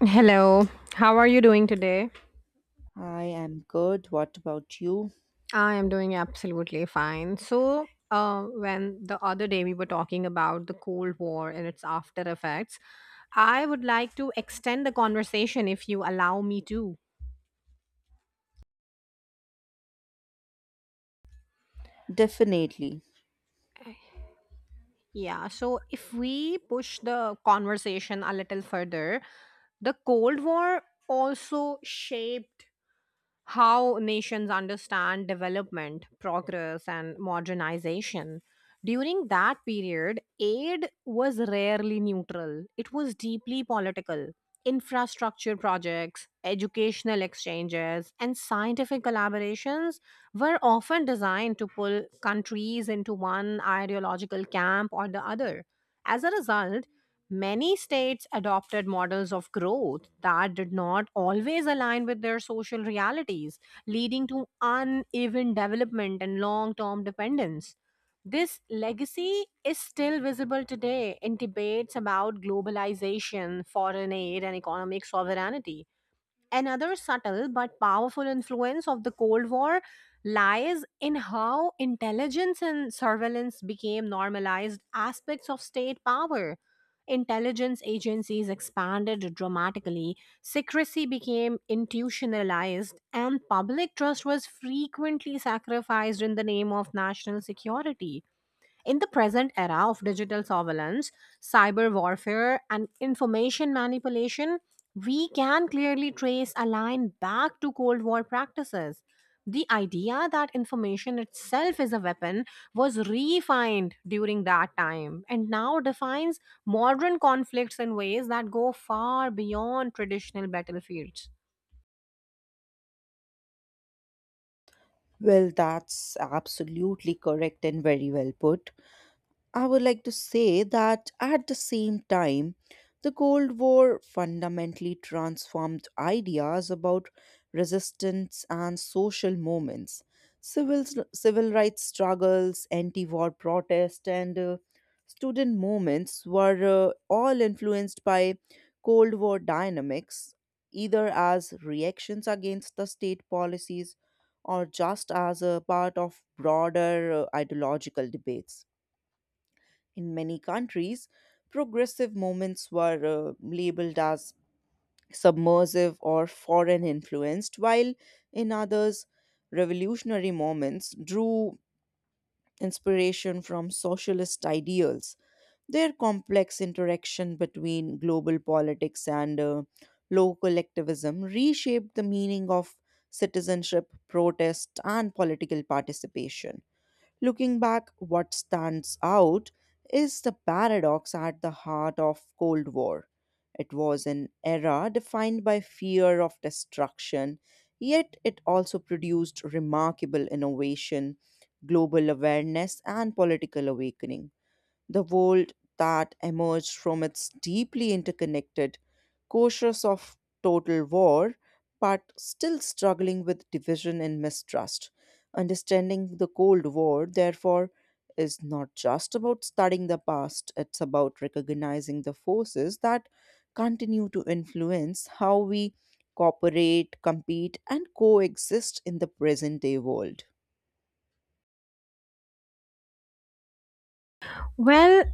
Hello, how are you doing today? I am good. What about you? I am doing absolutely fine. So, when the other day we were talking about the Cold War and its after effects, I would like to extend the conversation if you allow me to. Definitely. Yeah, so if we push the conversation a little further, the Cold War also shaped how nations understand development, progress, and modernization. During that period, aid was rarely neutral, it was deeply political. Infrastructure projects, educational exchanges, and scientific collaborations were often designed to pull countries into one ideological camp or the other. As a result, many states adopted models of growth that did not always align with their social realities, leading to uneven development and long term dependence. This legacy is still visible today in debates about globalization, foreign aid, and economic sovereignty. Another subtle but powerful influence of the Cold War lies in how intelligence and surveillance became normalized aspects of state power. Intelligence agencies expanded dramatically, secrecy became institutionalized, and public trust was frequently sacrificed in the name of national security. In the present era of digital surveillance, cyber warfare, and information manipulation, we can clearly trace a line back to Cold War practices. The idea that information itself is a weapon was refined during that time and now defines modern conflicts in ways that go far beyond traditional battlefields. Well, that's absolutely correct and very well put. I would like to say that at the same time, the Cold War fundamentally transformed ideas about resistance and social movements, civil, civil rights struggles, anti war protests, and student movements were all influenced by Cold War dynamics, either as reactions against the state policies or just as a part of broader ideological debates. In many countries, progressive movements were labeled as submersive or foreign influenced, while in others, revolutionary moments drew inspiration from socialist ideals. Their complex interaction between global politics and local activism reshaped the meaning of citizenship, protest, and political participation. Looking back, what stands out is the paradox at the heart of Cold War. It was an era defined by fear of destruction, yet it also produced remarkable innovation, global awareness, and political awakening. The world that emerged from it's deeply interconnected, cautious of total war but still struggling with division and mistrust. Understanding the cold war therefore is not just about studying the past, it's about recognizing the forces that continue to influence how we cooperate, compete, and coexist in the present day world. Well,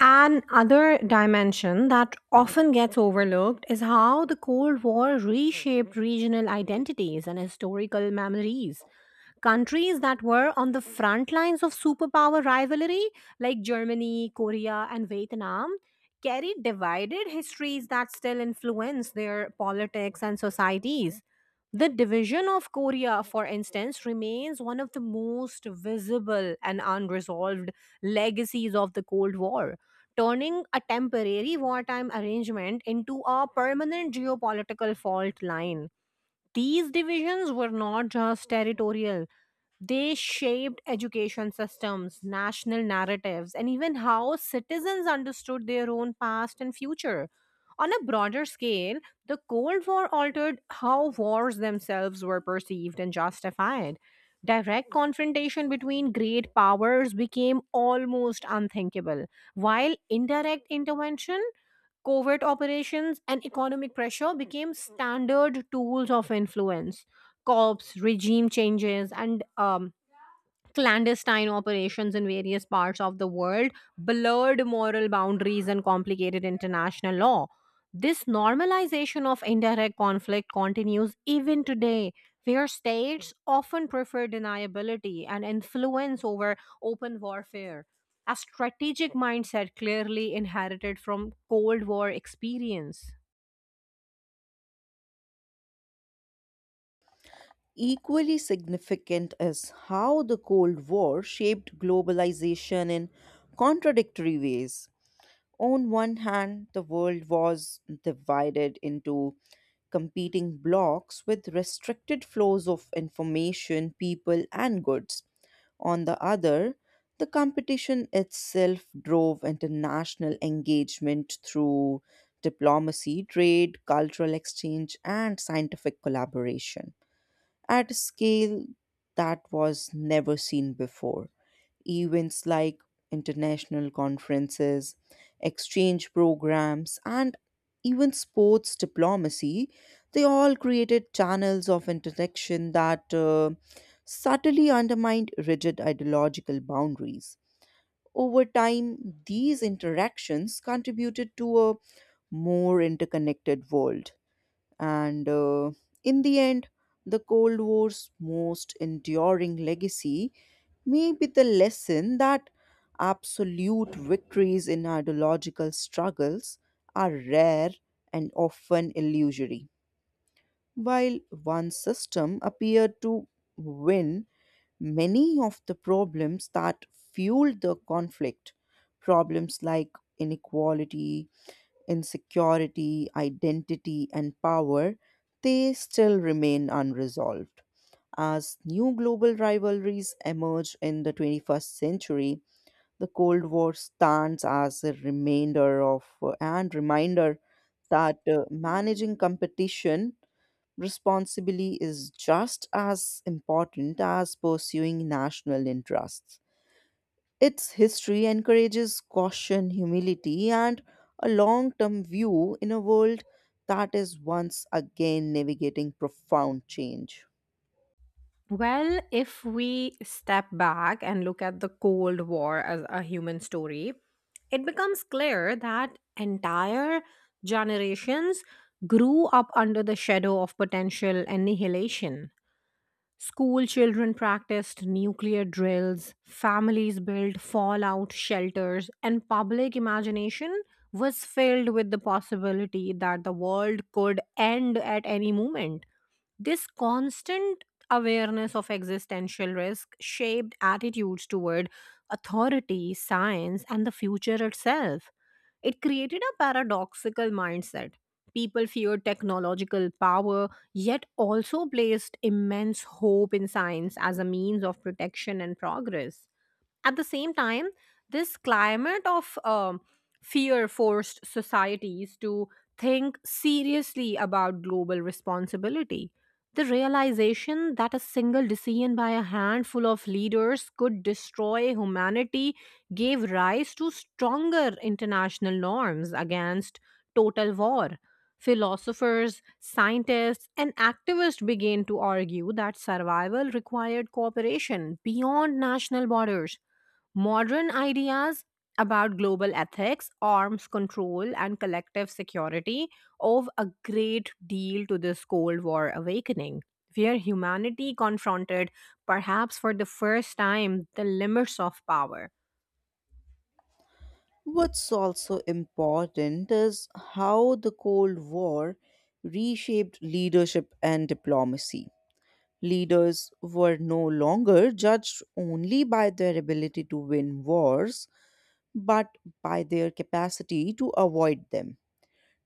an other dimension that often gets overlooked is how the Cold War reshaped regional identities and historical memories. Countries that were on the front lines of superpower rivalry, like Germany, Korea, and Vietnam, carry divided histories that still influence their politics and societies. The division of Korea, for instance, remains one of the most visible and unresolved legacies of the Cold War, turning a temporary wartime arrangement into a permanent geopolitical fault line. These divisions were not just territorial, they shaped education systems, national narratives, and even how citizens understood their own past and future. On a broader scale, the Cold War altered how wars themselves were perceived and justified. Direct confrontation between great powers became almost unthinkable, while indirect intervention, covert operations, and economic pressure became standard tools of influence. Cops, regime changes, and clandestine operations in various parts of the world blurred moral boundaries and complicated international law. This normalization of indirect conflict continues even today, where states often prefer deniability and influence over open warfare, a strategic mindset clearly inherited from Cold War experience. Equally significant is how the Cold War shaped globalization in contradictory ways. On one hand, the world was divided into competing blocs with restricted flows of information, people, and goods. On the other, the competition itself drove international engagement through diplomacy, trade, cultural exchange, and scientific collaboration at a scale that was never seen before. Events like international conferences, exchange programs, and even sports diplomacy, they all created channels of interaction that subtly undermined rigid ideological boundaries. Over time, these interactions contributed to a more interconnected world, and in the end, the Cold War's most enduring legacy may be the lesson that absolute victories in ideological struggles are rare and often illusory. While one system appeared to win, many of the problems that fueled the conflict, problems like inequality, insecurity, identity, and power, they still remain unresolved. As new global rivalries emerge in the 21st century, the Cold War stands as a remainder of and reminder that managing competition responsibly is just as important as pursuing national interests. Its history encourages caution, humility, and a long term view in a world that is once again navigating profound change. Well, if we step back and look at the Cold War as a human story, it becomes clear that entire generations grew up under the shadow of potential annihilation. School children practiced nuclear drills, families built fallout shelters, and public imagination was filled with the possibility that the world could end at any moment. This constant awareness of existential risk shaped attitudes toward authority, science, and the future itself. It created a paradoxical mindset. People feared technological power, yet also placed immense hope in science as a means of protection and progress. At the same time, this climate of fear forced societies to think seriously about global responsibility. The realization that a single decision by a handful of leaders could destroy humanity gave rise to stronger international norms against total war. Philosophers, scientists, and activists began to argue that survival required cooperation beyond national borders. Modern ideas about global ethics, arms control, and collective security owe a great deal to this Cold War awakening, where humanity confronted, perhaps for the first time, the limits of power. What's also important is how the Cold War reshaped leadership and diplomacy. Leaders were no longer judged only by their ability to win wars, but by their capacity to avoid them.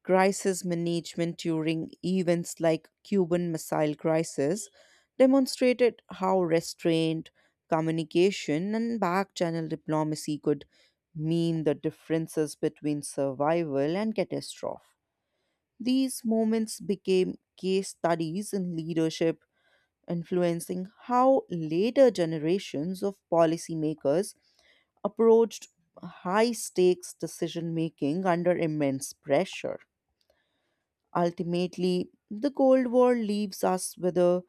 Crisis management during events like Cuban Missile Crisis demonstrated how restraint, communication, and back-channel diplomacy could mean the differences between survival and catastrophe. These moments became case studies in leadership, influencing how later generations of policymakers approached high stakes decision making under immense pressure. Ultimately, the Cold War leaves us with a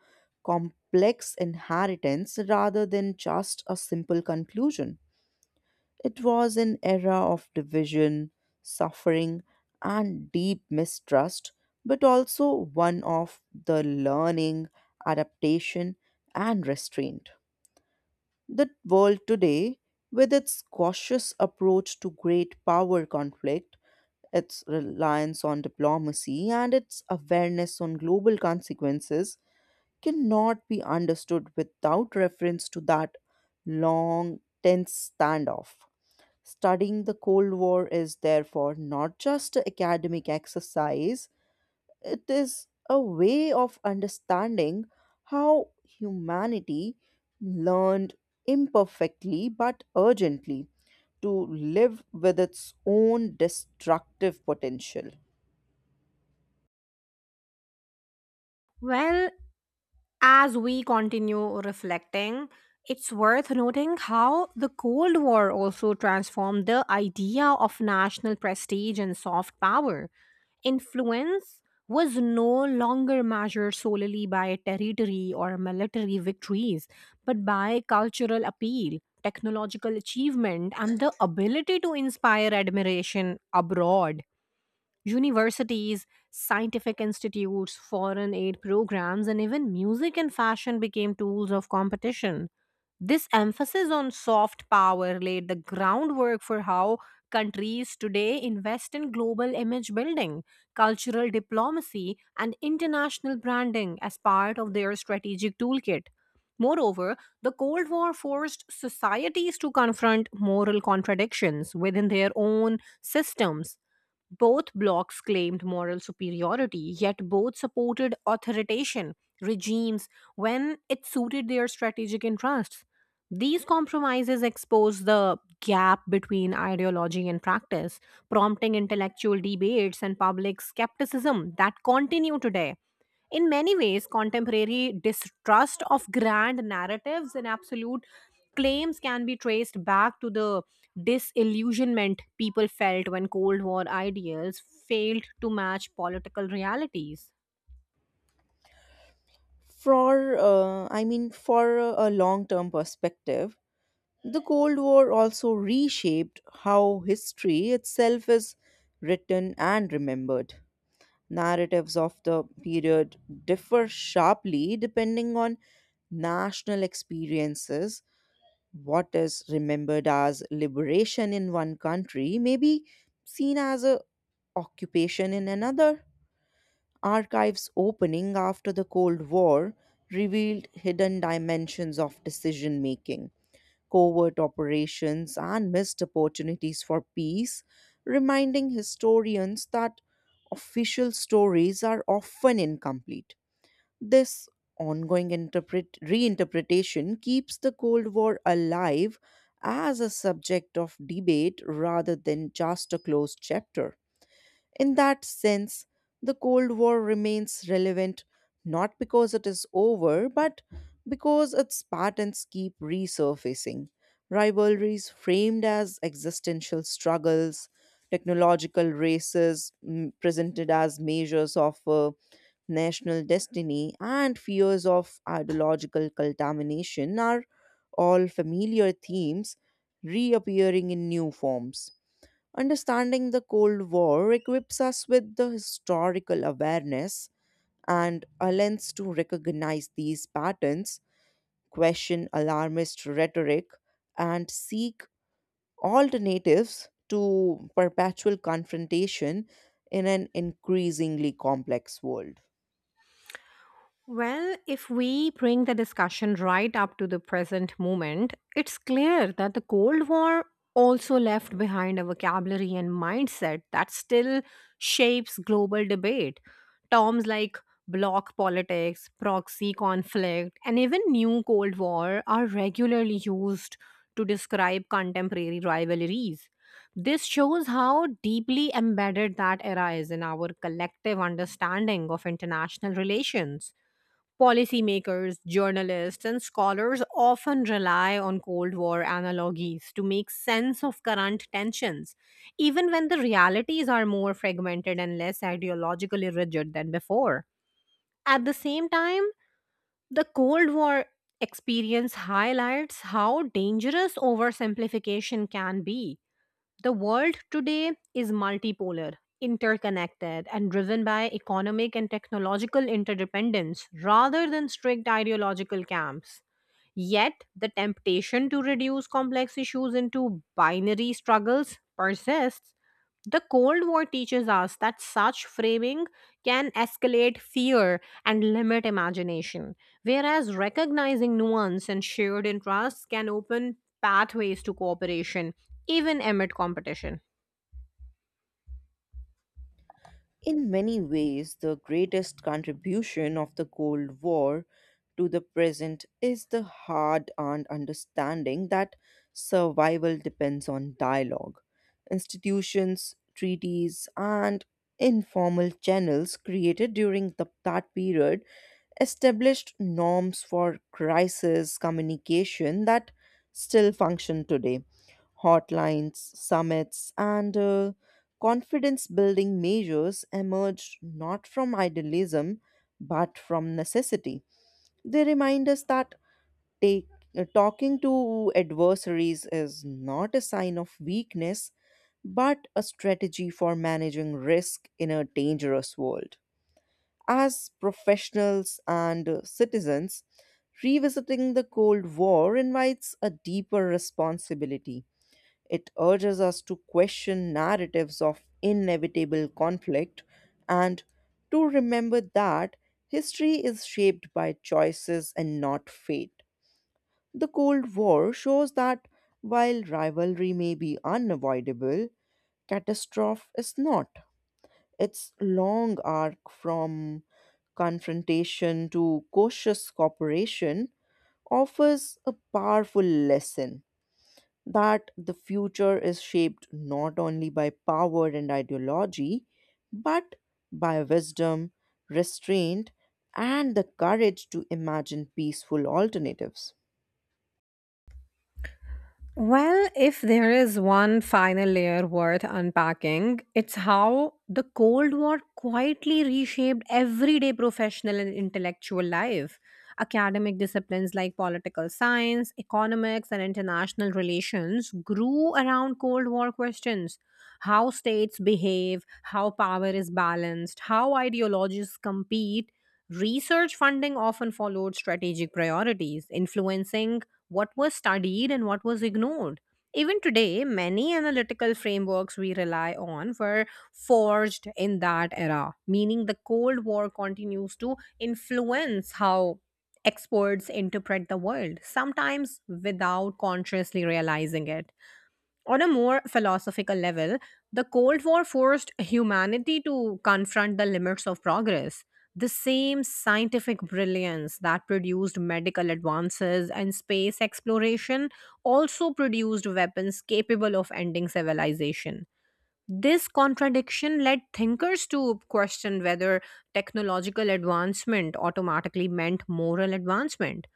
complex inheritance rather than just a simple conclusion. It was an era of division, suffering, and deep mistrust, but also one of the learning, adaptation, and restraint. The world today, with its cautious approach to great power conflict, its reliance on diplomacy, and its awareness on global consequences, cannot be understood without reference to that long, tense standoff. Studying the Cold War is therefore not just an academic exercise, it is a way of understanding how humanity learned, imperfectly but urgently, to live with its own destructive potential. Well, as we continue reflecting, it's worth noting how the Cold War also transformed the idea of national prestige and soft power. Influence was no longer measured solely by territory or military victories, but by cultural appeal, technological achievement, and the ability to inspire admiration abroad. Universities, scientific institutes, foreign aid programs, and even music and fashion became tools of competition. This emphasis on soft power laid the groundwork for how countries today invest in global image building, cultural diplomacy, and international branding as part of their strategic toolkit. Moreover, the Cold War forced societies to confront moral contradictions within their own systems. Both blocs claimed moral superiority, yet both supported authoritarian regimes when it suited their strategic interests. These compromises expose the gap between ideology and practice, prompting intellectual debates and public skepticism that continue today. In many ways, contemporary distrust of grand narratives and absolute claims can be traced back to the disillusionment people felt when Cold War ideals failed to match political realities. For, I mean, for a long term perspective, the Cold War also reshaped how history itself is written and remembered. Narratives of the period differ sharply depending on national experiences. What is remembered as liberation in one country may be seen as a occupation in another. Archives opening after the Cold War revealed hidden dimensions of decision making, covert operations, and missed opportunities for peace, reminding historians that official stories are often incomplete. This ongoing reinterpretation keeps the Cold War alive as a subject of debate rather than just a closed chapter. In that sense, the Cold War remains relevant not because it is over, but because its patterns keep resurfacing. Rivalries framed as existential struggles, technological races presented as measures of national destiny, and fears of ideological contamination are all familiar themes reappearing in new forms. Understanding the Cold War equips us with the historical awareness and a lens to recognize these patterns, question alarmist rhetoric, and seek alternatives to perpetual confrontation in an increasingly complex world. Well, if we bring the discussion right up to the present moment, it's clear that the Cold War also left behind a vocabulary and mindset that still shapes global debate. Terms like bloc politics, proxy conflict, and even new Cold War are regularly used to describe contemporary rivalries. This shows how deeply embedded that era is in our collective understanding of international relations. Policymakers, journalists, and scholars often rely on Cold War analogies to make sense of current tensions, even when the realities are more fragmented and less ideologically rigid than before. At the same time, the Cold War experience highlights how dangerous oversimplification can be. The world today is multipolar, interconnected, and driven by economic and technological interdependence rather than strict ideological camps. Yet, the temptation to reduce complex issues into binary struggles persists. The Cold War teaches us that such framing can escalate fear and limit imagination, whereas recognizing nuance and shared interests can open pathways to cooperation, even amid competition. In many ways, the greatest contribution of the Cold War to the present is the hard earned understanding that survival depends on dialogue. Institutions, treaties, and informal channels created during that period established norms for crisis communication that still function today. Hotlines, summits, and confidence building measures emerged not from idealism but from necessity. They remind us that take, talking to adversaries is not a sign of weakness but a strategy for managing risk in a dangerous world. As professionals and citizens, revisiting the Cold War invites a deeper responsibility. It urges us to question narratives of inevitable conflict and to remember that history is shaped by choices and not fate. The Cold War shows that while rivalry may be unavoidable, catastrophe is not. Its long arc from confrontation to cautious cooperation offers a powerful lesson that the future is shaped not only by power and ideology, but by wisdom, restraint, and the courage to imagine peaceful alternatives. Well, if there is one final layer worth unpacking, it's how the Cold War quietly reshaped everyday professional and intellectual life. Academic disciplines like political science, economics, and international relations grew around Cold War questions: how states behave, how power is balanced, how ideologies compete. Research funding often followed strategic priorities, influencing what was studied and what was ignored. Even today, many analytical frameworks we rely on were forged in that era, meaning the Cold War continues to influence how experts interpret the world, sometimes without consciously realizing it. On a more philosophical level, the Cold War forced humanity to confront the limits of progress. The same scientific brilliance that produced medical advances and space exploration also produced weapons capable of ending civilization. This contradiction led thinkers to question whether technological advancement automatically meant moral advancement.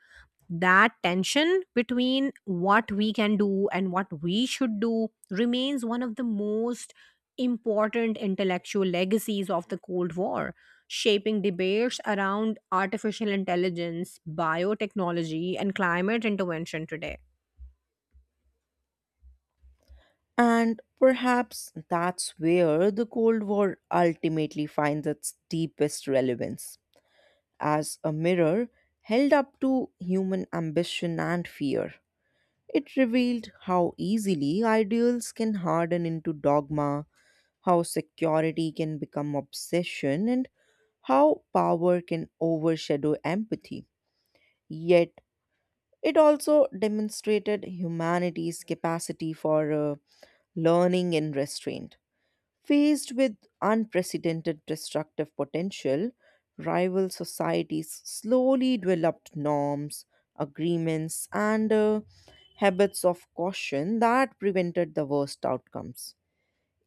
That tension between what we can do and what we should do remains one of the most important intellectual legacies of the Cold War, shaping debates around artificial intelligence, biotechnology, and climate intervention today. And perhaps that's where the Cold War ultimately finds its deepest relevance, as a mirror held up to human ambition and fear. It revealed how easily ideals can harden into dogma, how security can become obsession, and how power can overshadow empathy. Yet, it also demonstrated humanity's capacity for learning and restraint. Faced with unprecedented destructive potential, rival societies slowly developed norms, agreements, and habits of caution that prevented the worst outcomes,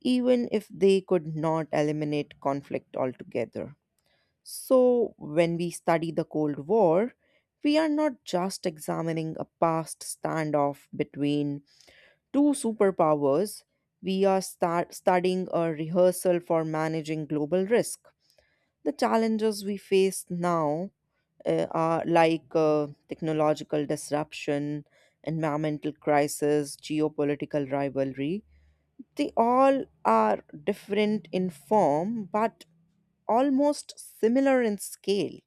even if they could not eliminate conflict altogether. So, when we study the Cold War, we are not just examining a past standoff between two superpowers, we are start studying a rehearsal for managing global risk. The challenges we face now are like technological disruption, environmental crisis, geopolitical rivalry, they all are different in form but almost similar in scale.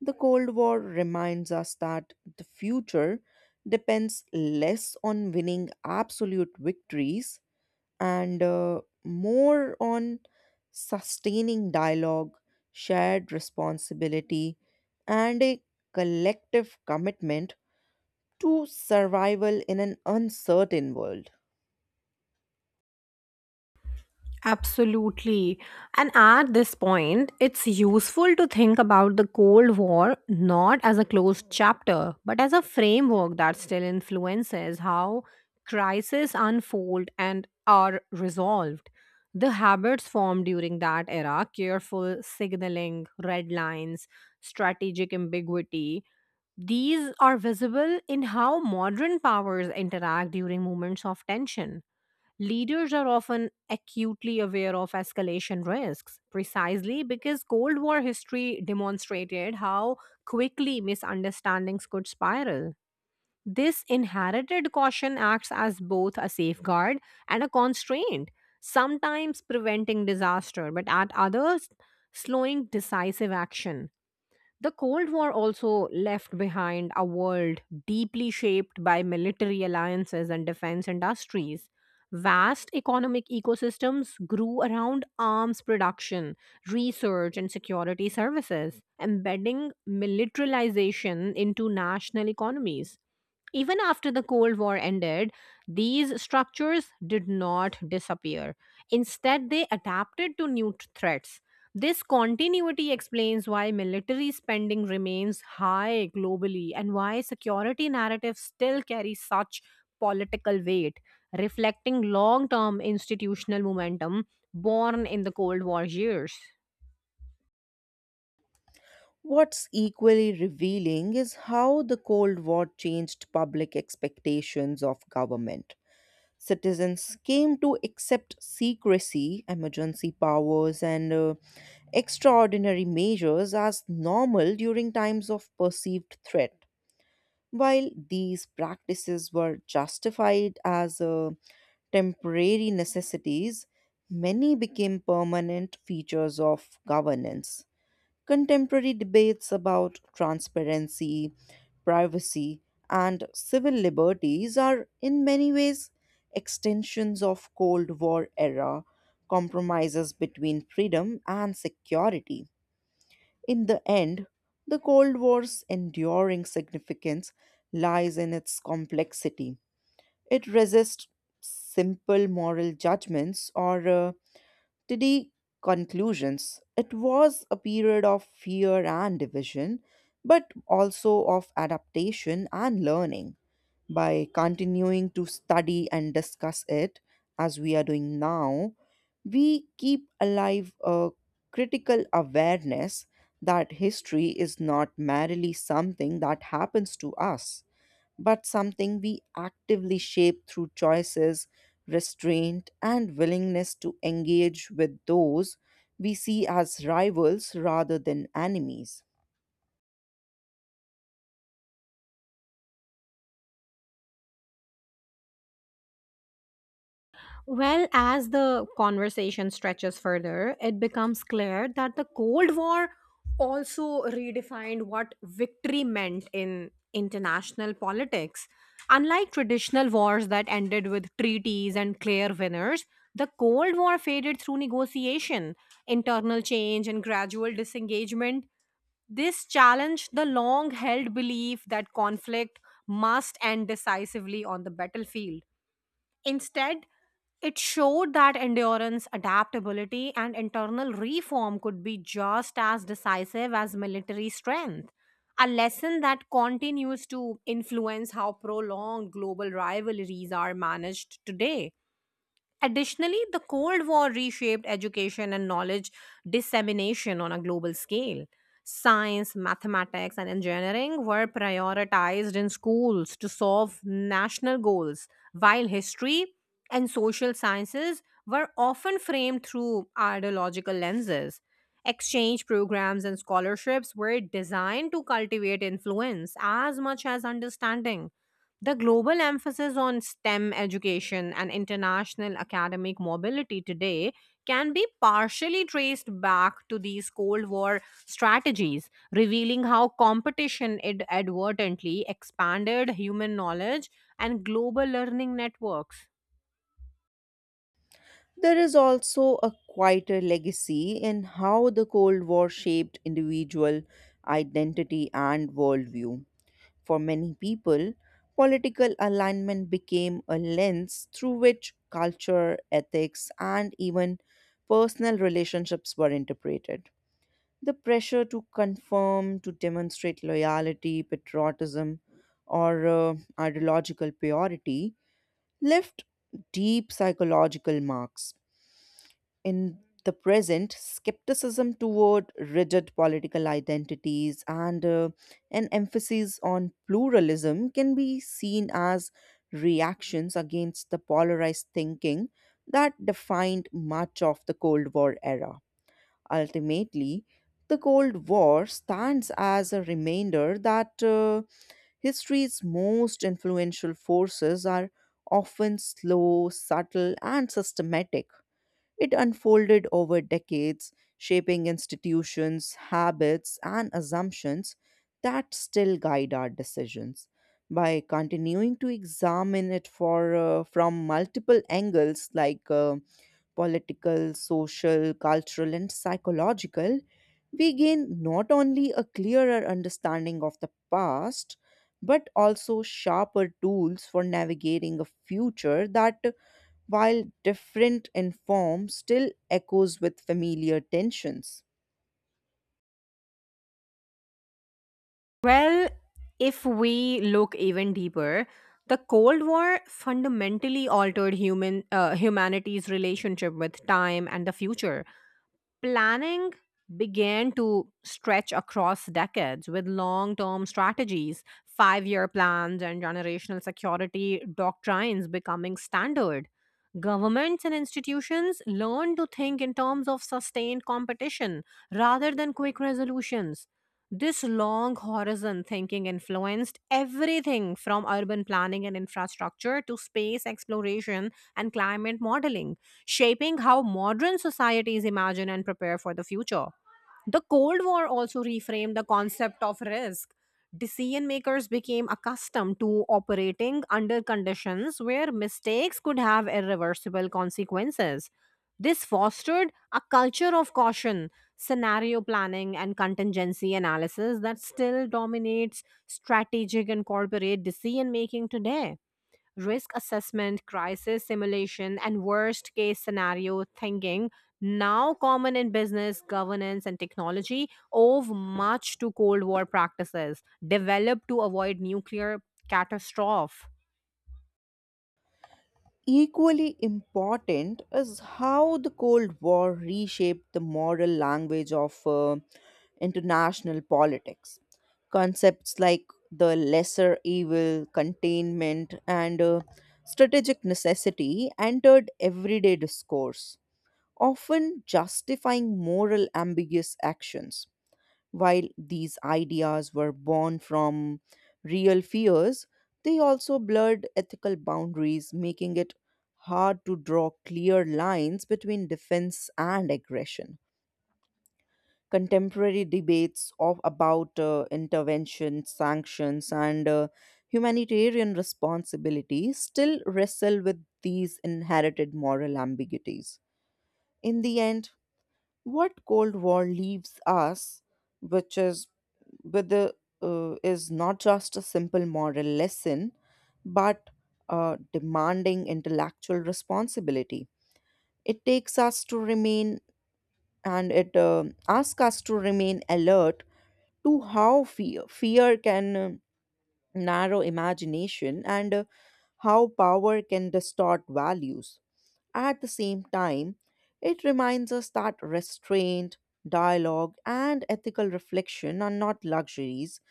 The Cold War reminds us that the future depends less on winning absolute victories, and more on sustaining dialogue, shared responsibility, and a collective commitment to survival in an uncertain world. Absolutely. And at this point, it's useful to think about the Cold War not as a closed chapter, but as a framework that still influences how crises unfold and are resolved. The habits formed during that era, careful signaling, red lines, strategic ambiguity, these are visible in how modern powers interact during moments of tension. Leaders are often acutely aware of escalation risks, precisely because Cold War history demonstrated how quickly misunderstandings could spiral. This inherited caution acts as both a safeguard and a constraint, sometimes preventing disaster, but at others, slowing decisive action. The Cold War also left behind a world deeply shaped by military alliances and defense industries. Vast economic ecosystems grew around arms production, research, and security services, embedding militarization into national economies. Even after the Cold War ended, these structures did not disappear. Instead, they adapted to new threats. This continuity explains why military spending remains high globally and why security narratives still carry such political weight, reflecting long term institutional momentum born in the Cold War years. What's equally revealing is how the Cold War changed public expectations of government. Citizens came to accept secrecy, emergency powers, and extraordinary measures as normal during times of perceived threat. While these practices were justified as temporary necessities, many became permanent features of governance. Contemporary debates about transparency, privacy, and civil liberties are in many ways extensions of Cold War era compromises between freedom and security. In the end, the Cold War's enduring significance lies in its complexity. It resists simple moral judgments or to the conclusions. It was a period of fear and division, but also of adaptation and learning. By continuing to study and discuss it, as we are doing now, we keep alive a critical awareness that history is not merely something that happens to us, but something we actively shape through choices, restraint, and willingness to engage with those we see as rivals rather than enemies. Well, as the conversation stretches further, it becomes clear that the Cold War also redefined what victory meant in international politics. Unlike traditional wars that ended with treaties and clear winners, the Cold War faded through negotiation, internal change, and gradual disengagement. This challenged the long held belief that conflict must end decisively on the battlefield. Instead, it showed that endurance, adaptability, and internal reform could be just as decisive as military strength, a lesson that continues to influence how prolonged global rivalries are managed today. Additionally, the Cold War reshaped education and knowledge dissemination on a global scale. Science, mathematics, and engineering were prioritized in schools to solve national goals, while history and social sciences were often framed through ideological lenses. Exchange programs and scholarships were designed to cultivate influence as much as understanding. The global emphasis on STEM education and international academic mobility today can be partially traced back to these Cold War strategies, revealing how competition advertently expanded human knowledge and global learning networks. There is also a quieter legacy in how the Cold War shaped individual identity and worldview. For many people, political alignment became a lens through which culture, ethics, and even personal relationships were interpreted. The pressure to conform, to demonstrate loyalty, patriotism, or ideological purity left deep psychological marks. In the present, skepticism toward rigid political identities and an emphasis on pluralism can be seen as reactions against the polarized thinking that defined much of the Cold War era. Ultimately, the Cold War stands as a reminder that history's most influential forces are often slow, subtle, and systematic. It unfolded over decades, shaping institutions, habits, and assumptions that still guide our decisions. By continuing to examine it for from multiple angles, like political, social, cultural, and psychological, we gain not only a clearer understanding of the past, but also sharper tools for navigating a future that, while different in form, still echoes with familiar tensions. Well, if we look even deeper, the Cold War fundamentally altered humanity's relationship with time and the future. Planning began to stretch across decades, with long term strategies, 5-year plans, and generational security doctrines becoming standard. Governments and institutions learned to think in terms of sustained competition rather than quick resolutions. This long horizon thinking influenced everything from urban planning and infrastructure to space exploration and climate modeling, shaping how modern societies imagine and prepare for the future. The Cold War also reframed the concept of risk. Decision makers became accustomed to operating under conditions where mistakes could have irreversible consequences. This fostered a culture of caution, scenario planning, and contingency analysis that still dominates strategic and corporate decision making today. Risk assessment, crisis simulation, and worst case scenario thinking, now common in business, governance, and technology, owe much to Cold War practices developed to avoid nuclear catastrophe. Equally important is how the Cold War reshaped the moral language of international politics. Concepts like the lesser evil, containment, and strategic necessity entered everyday discourse, often justifying moral ambiguous actions. While these ideas were born from real fears, they also blurred ethical boundaries, making it hard to draw clear lines between defense and aggression. Contemporary debates about intervention, sanctions, and humanitarian responsibility still wrestle with these inherited moral ambiguities. In the end, what Cold War leaves us, which is with the is not just a simple moral lesson, but demanding intellectual responsibility. It takes us to remain it asks us to remain alert to how fear can narrow imagination, and how power can distort values. At the same time, it reminds us that restraint, dialogue, and ethical reflection are not luxuries,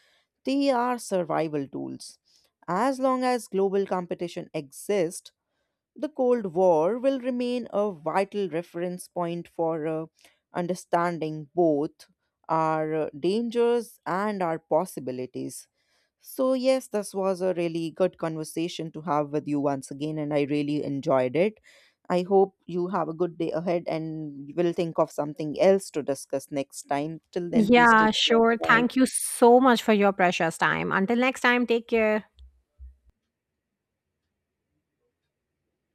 they are survival tools. As long as global competition exists, the Cold War will remain a vital reference point for understanding both our dangers and our possibilities. So, yes, this was a really good conversation to have with you once again, and I really enjoyed it. I hope you have a good day ahead and we'll think of something else to discuss next time. Till then, please Yeah, take care. sure. Thank Bye. you so much for your precious time. Until next time, take care.